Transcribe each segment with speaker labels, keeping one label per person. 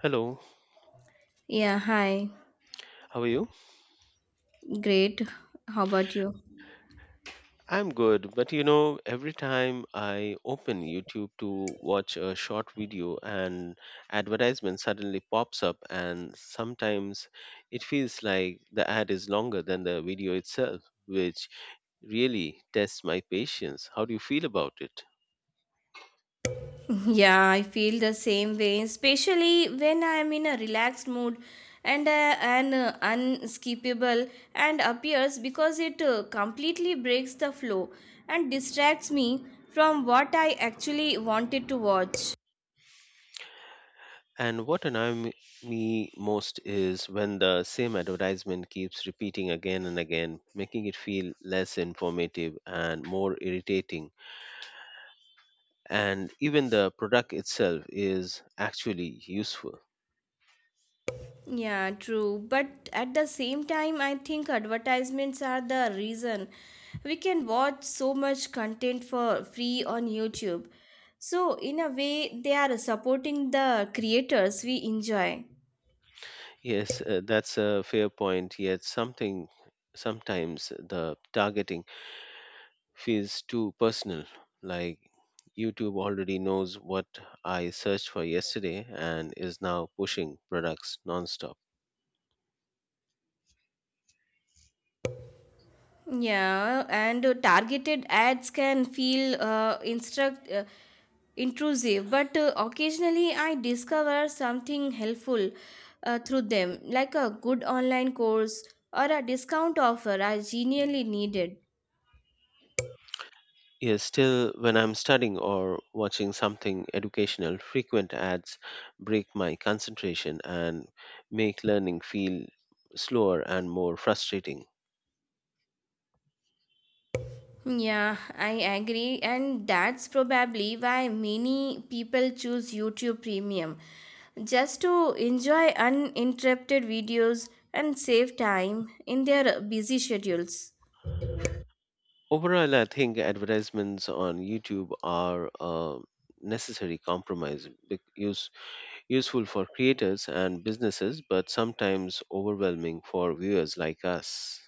Speaker 1: Hello,
Speaker 2: Yeah, hi.
Speaker 1: how are you?
Speaker 2: Great. How about you?
Speaker 1: I'm good, but you know, every time I open YouTube to watch a short video, an advertisement suddenly pops up, and sometimes it feels like the ad is longer than the video itself, which really tests my patience. How do you feel about it?
Speaker 2: Yeah, I feel the same way, especially when I am in a relaxed mood and an unskippable and appears because it completely breaks the flow and distracts me from what I actually wanted to watch.
Speaker 1: And what annoys me most is when the same advertisement keeps repeating again and again, making it feel less informative and more irritating. And even the product itself is actually useful.
Speaker 2: Yeah, true. But at the same time, I think advertisements are the reason we can watch so much content for free on YouTube. So, in a way, they are supporting the creators we enjoy.
Speaker 1: Yes, that's a fair point. Yet something sometimes the targeting feels too personal. Like YouTube already knows what I searched for yesterday and is now pushing products nonstop.
Speaker 2: Yeah, and targeted ads can feel instruct intrusive, but occasionally I discover something helpful through them, like a good online course or a discount offer I genuinely needed.
Speaker 1: Yes, still, when I'm studying or watching something educational, frequent ads break my concentration and make learning feel slower and more frustrating.
Speaker 2: Yeah, I agree, and that's probably why many people choose YouTube Premium just to enjoy uninterrupted videos and save time in their busy schedules.
Speaker 1: Overall, I think advertisements on YouTube are a necessary compromise, use, useful for creators and businesses, but sometimes overwhelming for viewers like us.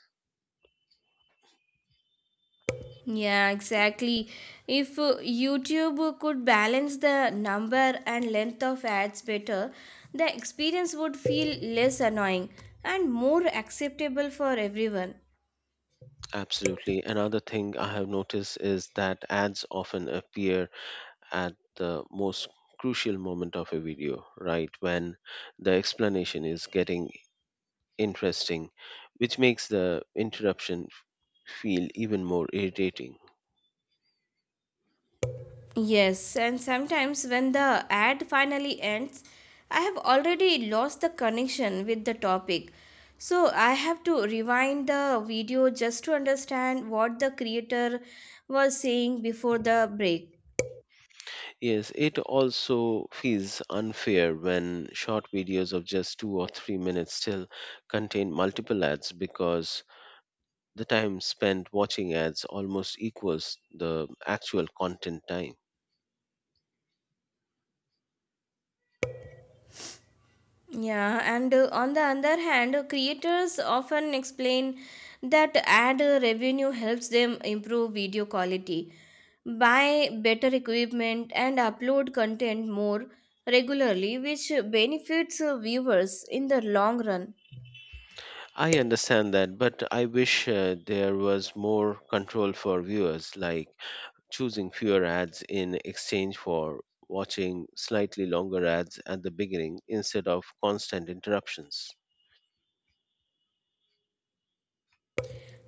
Speaker 2: Yeah, exactly. If YouTube could balance the number and length of ads better, the experience would feel less annoying and more acceptable for everyone.
Speaker 1: Absolutely. Another thing I have noticed is that ads often appear at the most crucial moment of a video, right when the explanation is getting interesting, which makes the interruption feel even more irritating.
Speaker 2: Yes, and sometimes when the ad finally ends, I have already lost the connection with the topic. So I have to rewind the video just to understand what the creator was saying before the break.
Speaker 1: Yes, it also feels unfair when short videos of just 2 or 3 minutes still contain multiple ads because the time spent watching ads almost equals the actual content time.
Speaker 2: Yeah, and on the other hand, creators often explain that ad revenue helps them improve video quality, buy better equipment, and upload content more regularly, which benefits viewers in the long run.
Speaker 1: I understand that, but I wish there was more control for viewers, like choosing fewer ads in exchange for watching slightly longer ads at the beginning instead of constant interruptions.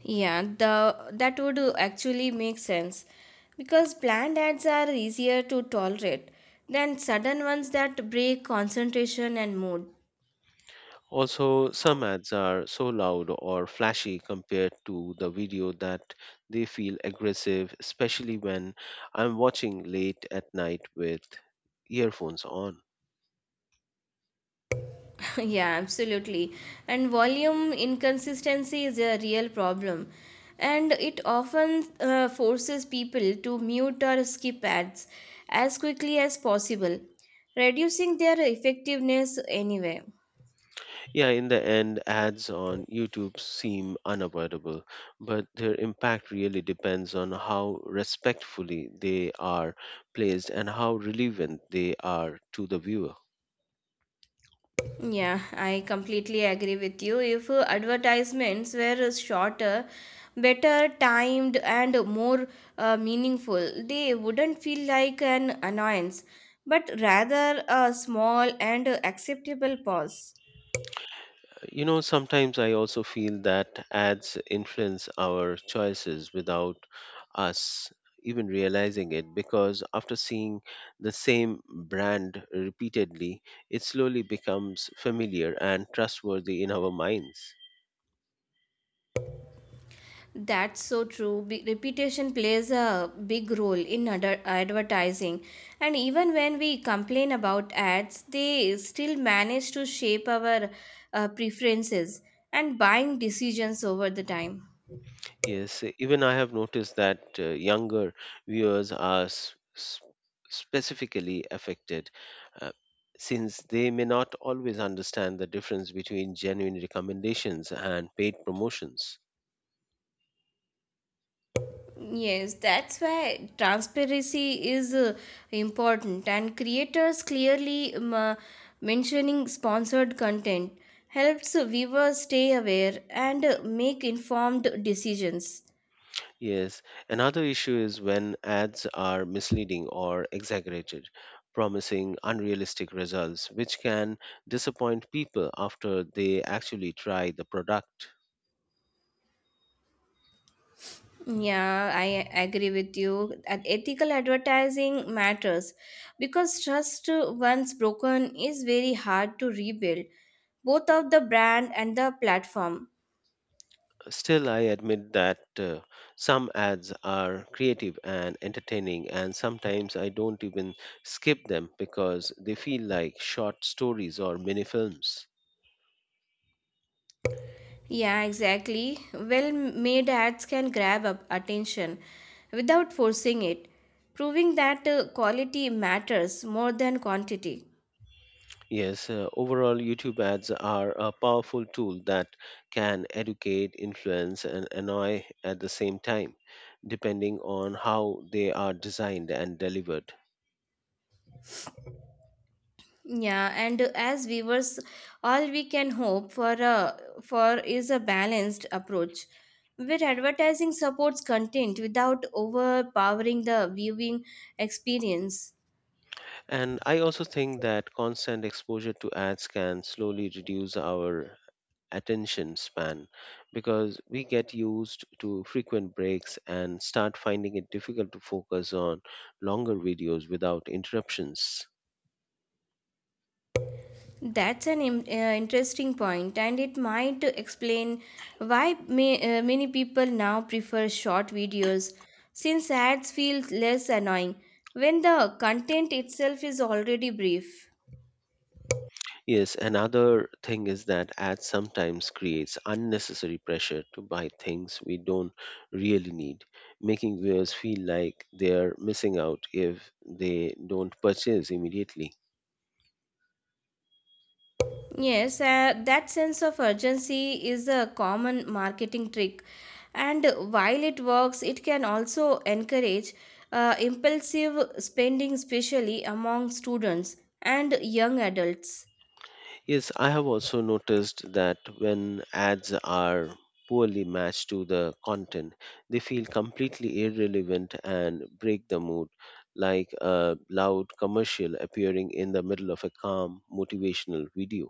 Speaker 2: Yeah, the that would actually make sense because planned ads are easier to tolerate than sudden ones that break concentration and mood.
Speaker 1: Also, some ads are so loud or flashy compared to the video that they feel aggressive, especially when I'm watching late at night with earphones on.
Speaker 2: Yeah, absolutely. And volume inconsistency is a real problem. And it often forces people to mute or skip ads as quickly as possible, reducing their effectiveness anyway.
Speaker 1: Yeah, in the end, ads on YouTube seem unavoidable, but their impact really depends on how respectfully they are placed and how relevant they are to the viewer.
Speaker 2: Yeah, I completely agree with you. If advertisements were shorter, better timed, and more meaningful, they wouldn't feel like an annoyance, but rather a small and acceptable pause.
Speaker 1: You know, sometimes I also feel that ads influence our choices without us even realizing it because after seeing the same brand repeatedly, it slowly becomes familiar and trustworthy in our minds.
Speaker 2: That's so true. Reputation plays a big role in advertising. And even when we complain about ads, they still manage to shape our preferences and buying decisions over the time.
Speaker 1: Yes, even I have noticed that younger viewers are specifically affected, uh, since they may not always understand the difference between genuine recommendations and paid promotions.
Speaker 2: Yes, that's why transparency is important, and creators clearly mentioning sponsored content helps viewers stay aware and make informed decisions.
Speaker 1: Yes, another issue is when ads are misleading or exaggerated, promising unrealistic results, which can disappoint people after they actually try the product.
Speaker 2: Yeah, I agree with you. And ethical advertising matters because trust once broken is very hard to rebuild, both of the brand and the platform.
Speaker 1: Still, I admit that some ads are creative and entertaining, and sometimes I don't even skip them because they feel like short stories or mini films.
Speaker 2: Yeah, exactly. Well made ads can grab up attention without forcing it, proving that quality matters more than quantity.
Speaker 1: Yes, overall, YouTube ads are a powerful tool that can educate, influence, and annoy at the same time, depending on how they are designed and delivered.
Speaker 2: Yeah, and as viewers, all we can hope for is a balanced approach where advertising supports content without overpowering the viewing experience.
Speaker 1: And I also think that constant exposure to ads can slowly reduce our attention span because we get used to frequent breaks and start finding it difficult to focus on longer videos without interruptions.
Speaker 2: That's an interesting point, and it might explain why many people now prefer short videos since ads feel less annoying when the content itself is already brief.
Speaker 1: Yes, another thing is that ads sometimes creates unnecessary pressure to buy things we don't really need, making viewers feel like they're missing out if they don't purchase immediately.
Speaker 2: Yes, that sense of urgency is a common marketing trick. And while it works, it can also encourage impulsive spending, especially among students and young adults.
Speaker 1: Yes, I have also noticed that when ads are poorly matched to the content, they feel completely irrelevant and break the mood, like a loud commercial appearing in the middle of a calm, motivational video.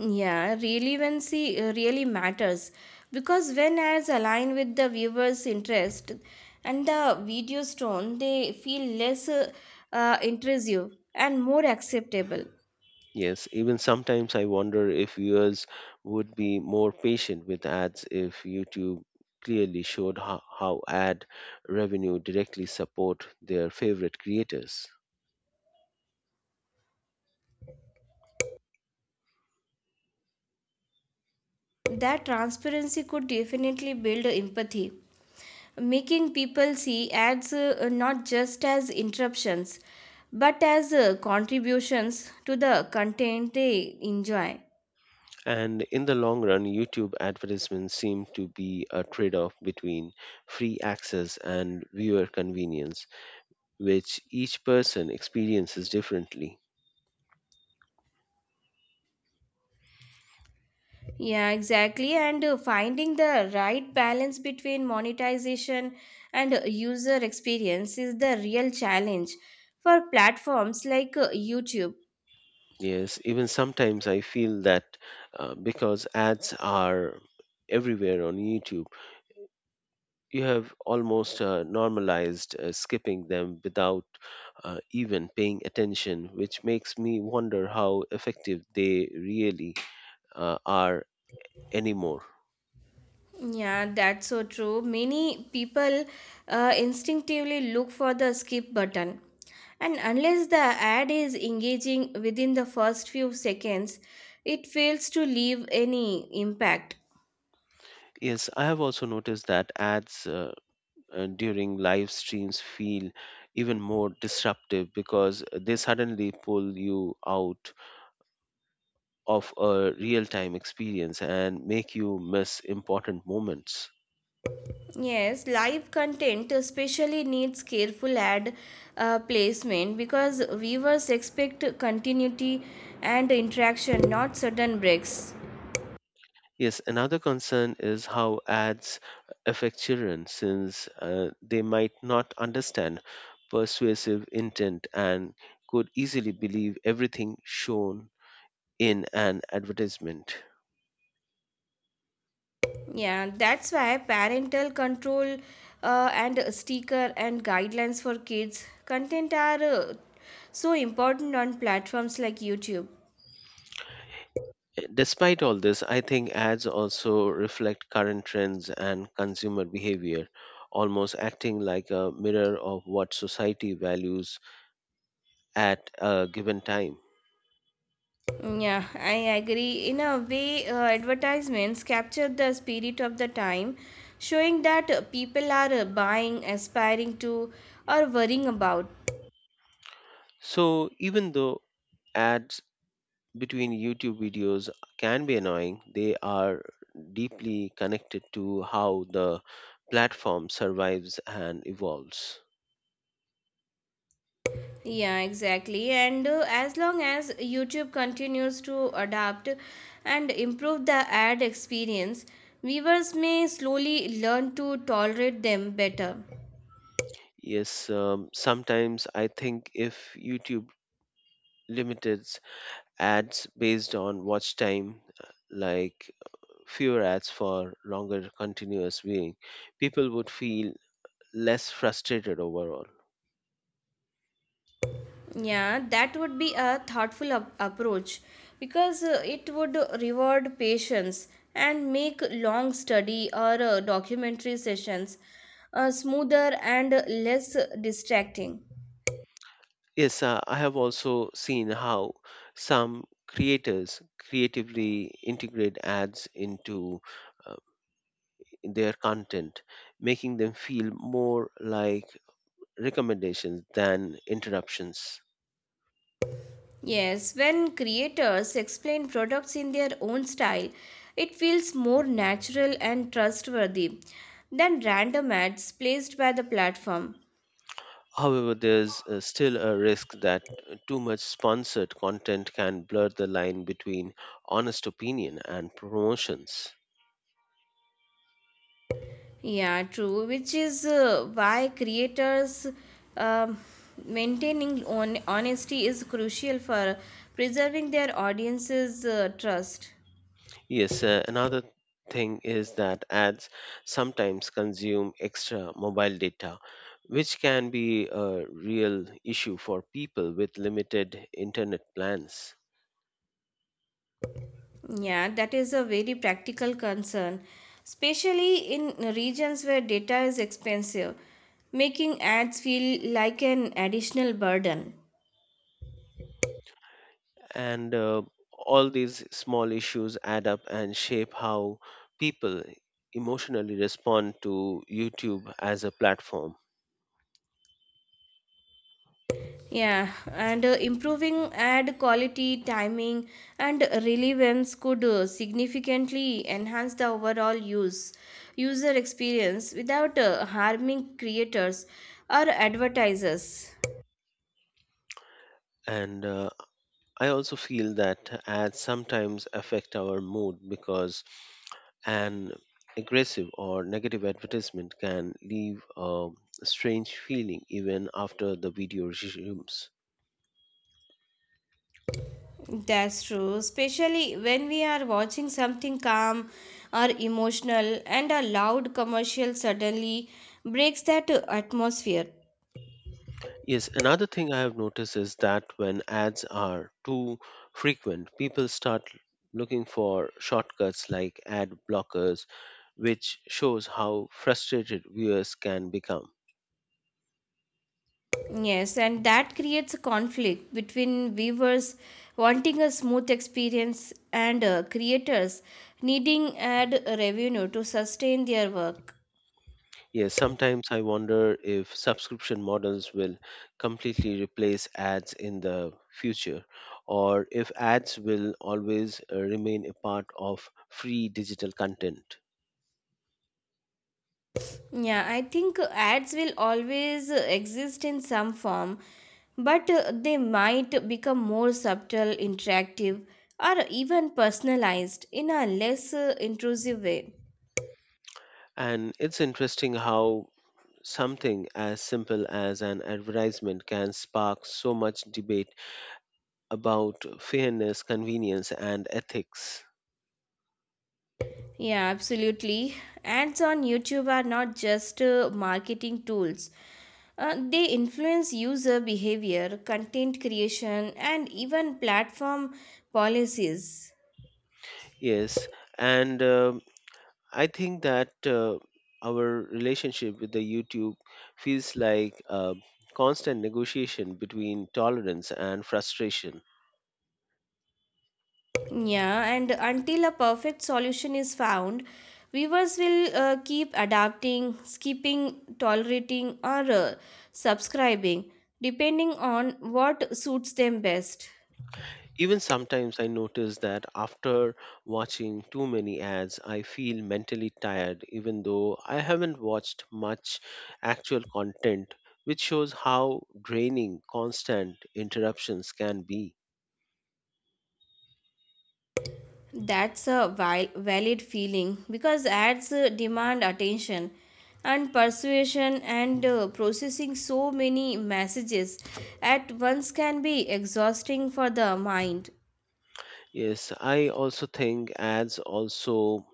Speaker 2: Yeah, relevancy really matters because when ads align with the viewer's interest and the video's tone, they feel less intrusive and more acceptable.
Speaker 1: Yes, even sometimes I wonder if viewers would be more patient with ads if YouTube clearly showed how ad revenue directly support their favorite creators.
Speaker 2: That transparency could definitely build empathy, making people see ads not just as interruptions but as contributions to the content they enjoy.
Speaker 1: And in the long run, YouTube advertisements seem to be a trade off between free access and viewer convenience, which each person experiences differently.
Speaker 2: Yeah, exactly. And finding the right balance between monetization and user experience is the real challenge for platforms like YouTube.
Speaker 1: Yes, even sometimes I feel that because ads are everywhere on YouTube, you have almost normalized skipping them without even paying attention, which makes me wonder how effective they really are anymore.
Speaker 2: Yeah, that's so true. Many people instinctively look for the skip button. And unless the ad is engaging within the first few seconds, it fails to leave any impact.
Speaker 1: Yes, I have also noticed that ads during live streams feel even more disruptive because they suddenly pull you out of a real time experience and make you miss important moments.
Speaker 2: Yes, live content especially needs careful ad placement because viewers expect continuity and interaction, not sudden breaks.
Speaker 1: Yes, another concern is how ads affect children since they might not understand persuasive intent and could easily believe everything shown in an advertisement.
Speaker 2: Yeah, that's why parental control and sticker and guidelines for kids content are so important on platforms like YouTube.
Speaker 1: Despite all this, I think ads also reflect current trends and consumer behavior, almost acting like a mirror of what society values at a given time.
Speaker 2: Yeah, I agree. In a way, advertisements capture the spirit of the time, showing that people are buying, aspiring to, or worrying about.
Speaker 1: So, even though ads between YouTube videos can be annoying, they are deeply connected to how the platform survives and evolves.
Speaker 2: Yeah, exactly. And as long as YouTube continues to adapt and improve the ad experience, viewers may slowly learn to tolerate them better.
Speaker 1: Yes, sometimes I think if YouTube limited ads based on watch time, like fewer ads for longer continuous viewing, people would feel less frustrated overall.
Speaker 2: Yeah, that would be a thoughtful approach because it would reward patience and make long study or documentary sessions smoother and less distracting.
Speaker 1: Yes, I have also seen how some creators creatively integrate ads into uh, their content, making them feel more like recommendations than interruptions.
Speaker 2: Yes, when creators explain products in their own style, it feels more natural and trustworthy than random ads placed by the platform.
Speaker 1: However, there's still a risk that too much sponsored content can blur the line between honest opinion and promotions.
Speaker 2: Yeah, true, which is why creators um maintaining on honesty is crucial for preserving their audience's trust.
Speaker 1: Yes, another thing is that ads sometimes consume extra mobile data, which can be a real issue for people with limited internet plans.
Speaker 2: Yeah, that is a very practical concern, especially in regions where data is expensive, making ads feel like an additional burden.
Speaker 1: And all these small issues add up and shape how people emotionally respond to YouTube as a platform.
Speaker 2: Yeah, and improving ad quality, timing, and relevance could significantly enhance the overall user experience without harming creators or advertisers.
Speaker 1: And I also feel that ads sometimes affect our mood because an aggressive or negative advertisement can leave a strange feeling even after the video resumes.
Speaker 2: That's true, especially when we are watching something calm or emotional and a loud commercial suddenly breaks that atmosphere.
Speaker 1: Yes, another thing I have noticed is that when ads are too frequent, people start looking for shortcuts like ad blockers, which shows how frustrated viewers can become.
Speaker 2: Yes, and that creates a conflict between viewers wanting a smooth experience and creators needing ad revenue to sustain their work.
Speaker 1: Yes, sometimes I wonder if subscription models will completely replace ads in the future, or if ads will always remain a part of free digital content.
Speaker 2: Yeah, I think ads will always exist in some form, but they might become more subtle, interactive, or even personalized in a less intrusive way.
Speaker 1: And it's interesting how something as simple as an advertisement can spark so much debate about fairness, convenience, and ethics.
Speaker 2: Yeah, absolutely. Ads on YouTube are not just marketing tools. They influence user behavior, content creation, and even platform policies.
Speaker 1: Yes, and I think that our relationship with the YouTube feels like a constant negotiation between tolerance and frustration.
Speaker 2: Yeah, and until a perfect solution is found, viewers will keep adapting, skipping, tolerating, or subscribing, depending on what suits them best.
Speaker 1: Even sometimes I notice that after watching too many ads, I feel mentally tired, even though I haven't watched much actual content, which shows how draining constant interruptions can be.
Speaker 2: That's a valid feeling because ads demand attention and persuasion, and processing so many messages at once can be exhausting for the mind.
Speaker 1: Yes, I also think ads also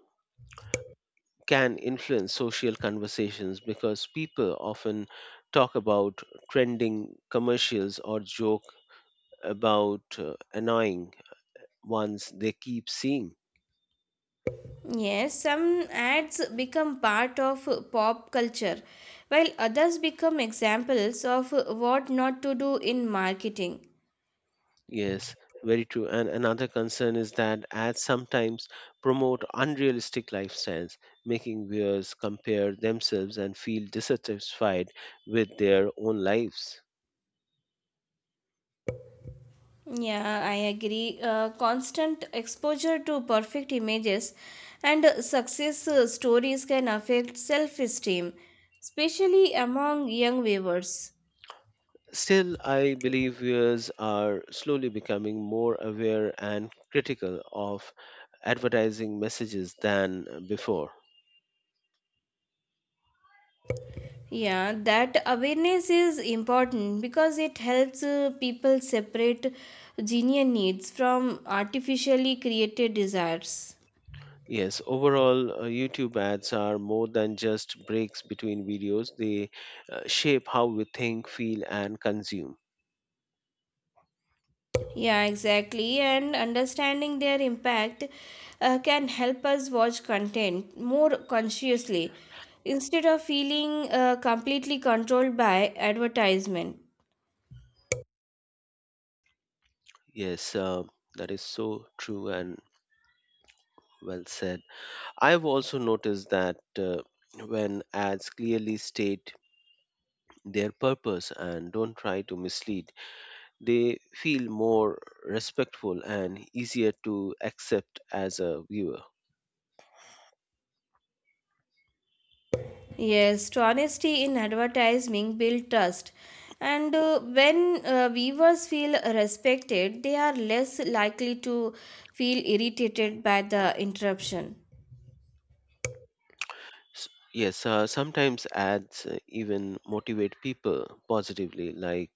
Speaker 1: can influence social conversations because people often talk about trending commercials or joke about annoying ones they keep seeing.
Speaker 2: Yes, some ads become part of pop culture, while others become examples of what not to do in marketing.
Speaker 1: Yes, very true. And another concern is that ads sometimes promote unrealistic lifestyles, making viewers compare themselves and feel dissatisfied with their own lives.
Speaker 2: Yeah, I agree. Constant exposure to perfect images and success stories can affect self esteem, especially among young viewers.
Speaker 1: Still, I believe viewers are slowly becoming more aware and critical of advertising messages than before.
Speaker 2: Yeah, that awareness is important because it helps people separate genuine needs from artificially created desires.
Speaker 1: Yes, overall, YouTube ads are more than just breaks between videos, they shape how we think, feel, and consume.
Speaker 2: Yeah, exactly. And understanding their impact can help us watch content more consciously instead of feeling completely controlled by advertisement.
Speaker 1: Yes, that is so true and well said. I've also noticed that when ads clearly state their purpose and don't try to mislead, they feel more respectful and easier to accept as a viewer.
Speaker 2: Yes, to honesty in advertising build trust. And when viewers feel respected, they are less likely to feel irritated by the interruption.
Speaker 1: S- Yes, sometimes ads even motivate people positively, like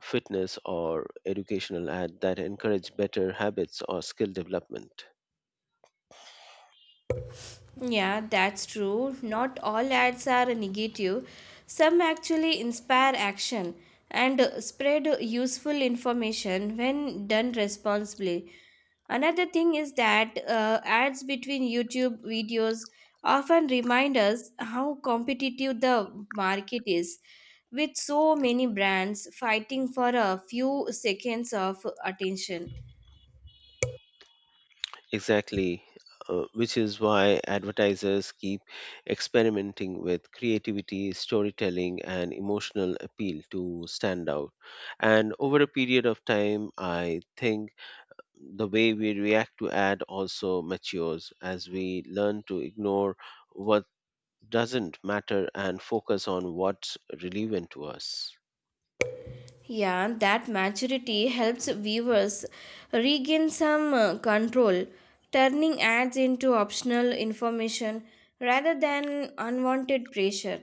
Speaker 1: fitness or educational ad that encourage better habits or skill development.
Speaker 2: Yeah, that's true. Not all ads are negative. Some actually inspire action and spread useful information when done responsibly. Another thing is that ads between YouTube videos often remind us how competitive the market is, with so many brands fighting for a few seconds of attention.
Speaker 1: Exactly, which is why advertisers keep experimenting with creativity, storytelling, and emotional appeal to stand out. And over a period of time, I think the way we react to ad also matures as we learn to ignore what doesn't matter and focus on what's relevant to us.
Speaker 2: Yeah, that maturity helps viewers regain some control, turning ads into optional information rather than unwanted pressure.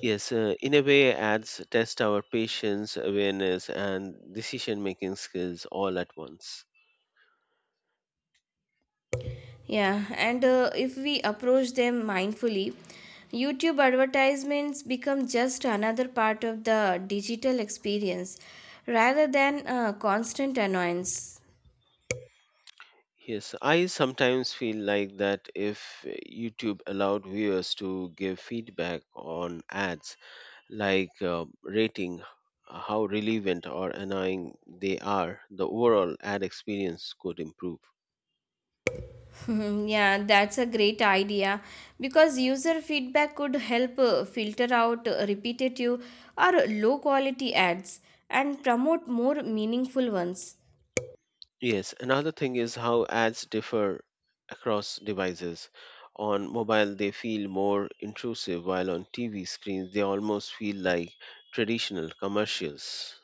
Speaker 1: Yes, in a way, ads test our patience, awareness, and decision making skills all at once.
Speaker 2: Yeah, and if we approach them mindfully, YouTube advertisements become just another part of the digital experience rather than a constant annoyance.
Speaker 1: Yes, I sometimes feel like that if YouTube allowed viewers to give feedback on ads, like rating how relevant or annoying they are, the overall ad experience could improve.
Speaker 2: Mhm, yeah, that's a great idea because user feedback could help filter out repetitive or low quality ads and promote more meaningful ones.
Speaker 1: Yes, another thing is how ads differ across devices. On mobile, they feel more intrusive, while on TV screens, they almost feel like traditional commercials.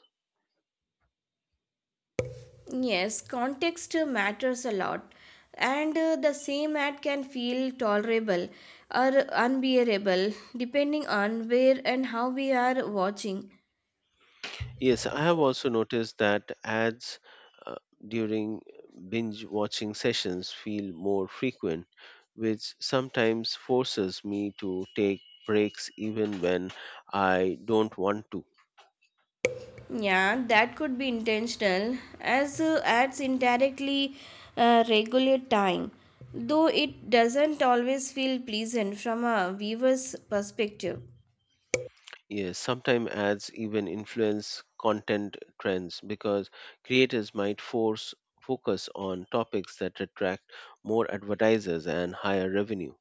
Speaker 2: Yes, context matters a lot, and the same ad can feel tolerable or unbearable depending on where and how we are watching.
Speaker 1: Yes, I have also noticed that ads uh, during binge watching sessions feel more frequent, which sometimes forces me to take breaks even when I don't want to.
Speaker 2: Yeah, that could be intentional, as ads indirectly regulate time, though it doesn't always feel pleasant from a viewer's perspective.
Speaker 1: Yes, sometimes ads even influence content trends because creators might force focus on topics that attract more advertisers and higher revenue.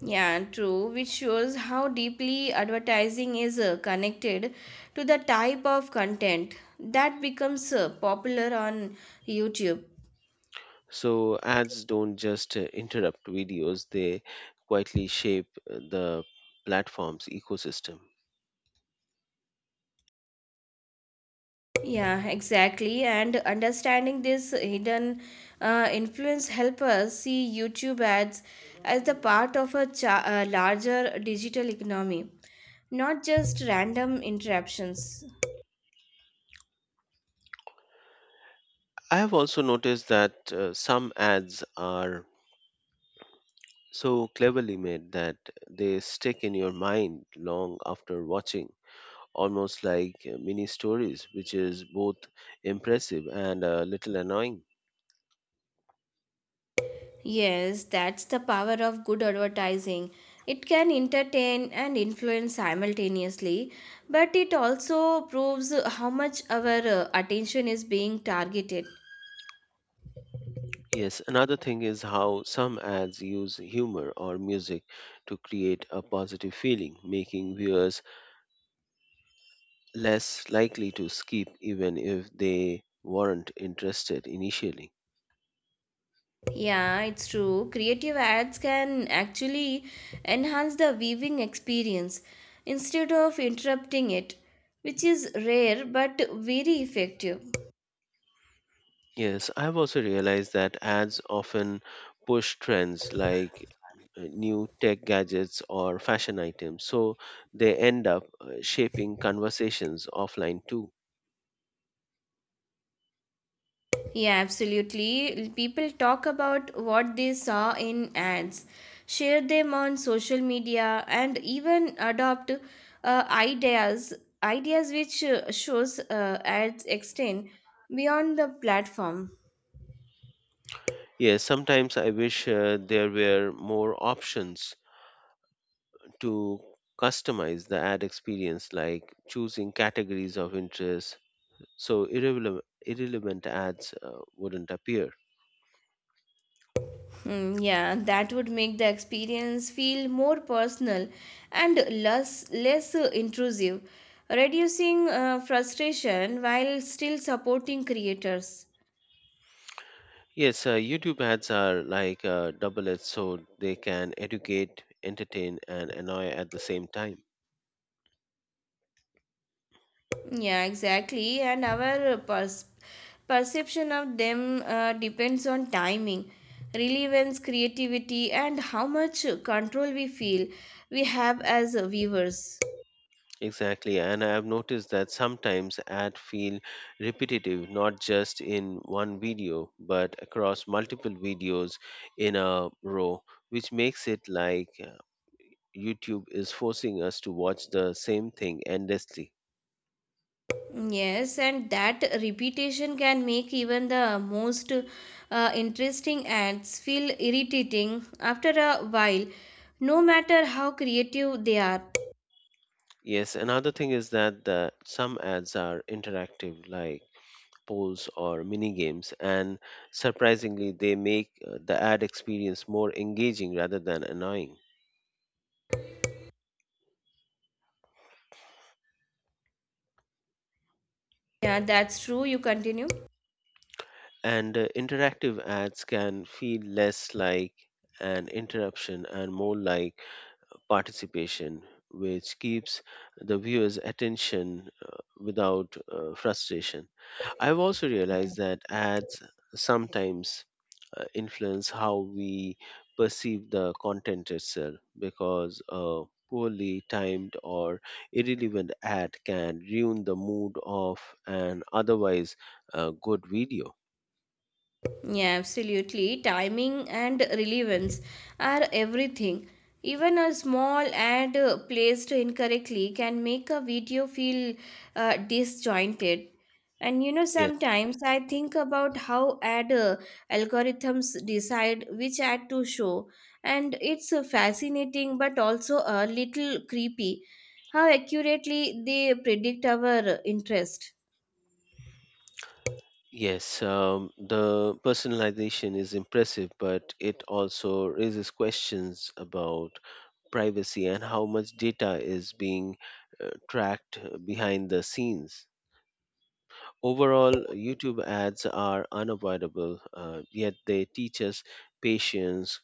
Speaker 2: Yeah, true, which shows how deeply advertising is connected to the type of content that becomes popular on YouTube.
Speaker 1: So ads don't just interrupt videos, they quietly shape the platform's ecosystem.
Speaker 2: Yeah, exactly. And understanding this hidden influence help us see YouTube ads as the part of a larger digital economy, not just random interruptions.
Speaker 1: I have also noticed that some ads are so cleverly made that they stick in your mind long after watching, almost like mini stories, which is both impressive and a little annoying.
Speaker 2: Yes, that's the power of good advertising. It can entertain and influence simultaneously, but it also proves how much our attention is being targeted.
Speaker 1: Yes, another thing is how some ads use humor or music to create a positive feeling, making viewers less likely to skip even if they weren't interested initially.
Speaker 2: Yeah, it's true. Creative ads can actually enhance the viewing experience instead of interrupting it, which is rare but very effective.
Speaker 1: Yes, I've also realized that ads often push trends like new tech gadgets or fashion items, so they end up shaping conversations offline too.
Speaker 2: Yeah, absolutely. People talk about what they saw in ads, share them on social media, and even adopt uh, ideas ideas, which shows ads extend beyond the platform.
Speaker 1: Yes, sometimes I wish there were more options to customize the ad experience, like choosing categories of interest so irrelevant ads wouldn't appear.
Speaker 2: Hmm, yeah, that would make the experience feel more personal and less intrusive, reducing frustration while still supporting creators.
Speaker 1: Yes, YouTube ads are like a double edged sword. They can educate, entertain, and annoy at the same time.
Speaker 2: Yeah, exactly. And our perception of them depends on timing, relevance, creativity, and how much control we feel we have as viewers.
Speaker 1: Exactly, and I have noticed that sometimes ads feel repetitive, not just in one video, but across multiple videos in a row, which makes it like YouTube is forcing us to watch the same thing endlessly.
Speaker 2: Yes, and that repetition can make even the most interesting ads feel irritating after a while, no matter how creative they are.
Speaker 1: Yes, another thing is that some ads are interactive, like polls or mini games, and surprisingly, they make the ad experience more engaging rather than annoying.
Speaker 2: Yeah, that's true. You continue.
Speaker 1: And interactive ads can feel less like an interruption and more like participation, which keeps the viewer's attention without frustration. I've also realized that ads sometimes influence how we perceive the content itself because a poorly timed or irrelevant ad can ruin the mood of an otherwise good video.
Speaker 2: Yeah, absolutely. Timing and relevance are everything. Even a small ad placed incorrectly can make a video feel disjointed. And you know,
Speaker 1: Yes,
Speaker 2: sometimes I think about how ad algorithms decide which ad to show, and it's fascinating but also a little creepy how accurately they predict our interest.
Speaker 1: yes, the personalization is impressive, but it also raises questions about privacy and how much data is being tracked behind the scenes. Overall, YouTube ads are unavoidable, yet they teach us patience,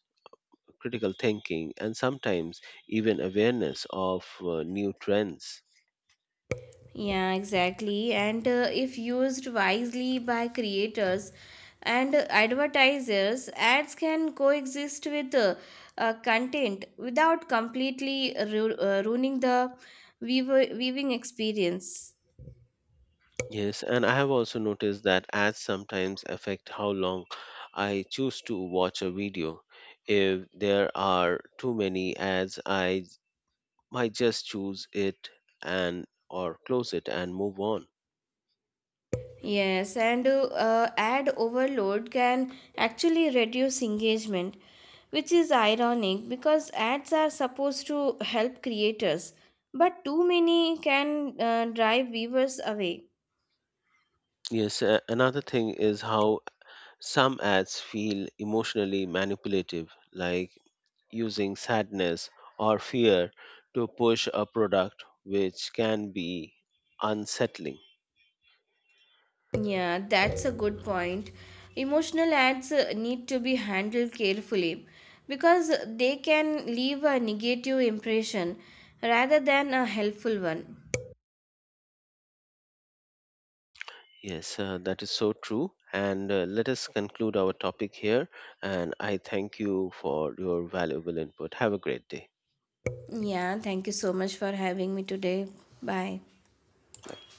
Speaker 1: critical thinking, and sometimes even awareness of new trends.
Speaker 2: Yeah, exactly. And if used wisely by creators and advertisers, ads can coexist with content without completely ruining the viewing experience.
Speaker 1: Yes, and I have also noticed that ads sometimes affect how long I choose to watch a video. If there are too many ads, I might just choose it and or close it and move on.
Speaker 2: Yes, and ad overload can actually reduce engagement, which is ironic because ads are supposed to help creators, but too many can drive viewers away.
Speaker 1: Yes, another thing is how some ads feel emotionally manipulative, like using sadness or fear to push a product, which can be unsettling.
Speaker 2: Yeah, that's a good point. Emotional ads need to be handled carefully because they can leave a negative impression rather than a helpful one.
Speaker 1: Yes, that is so true. And let us conclude our topic here. And I thank you for your valuable input. Have a great day.
Speaker 2: Yeah, thank you so much for having me today. Bye.
Speaker 1: Bye.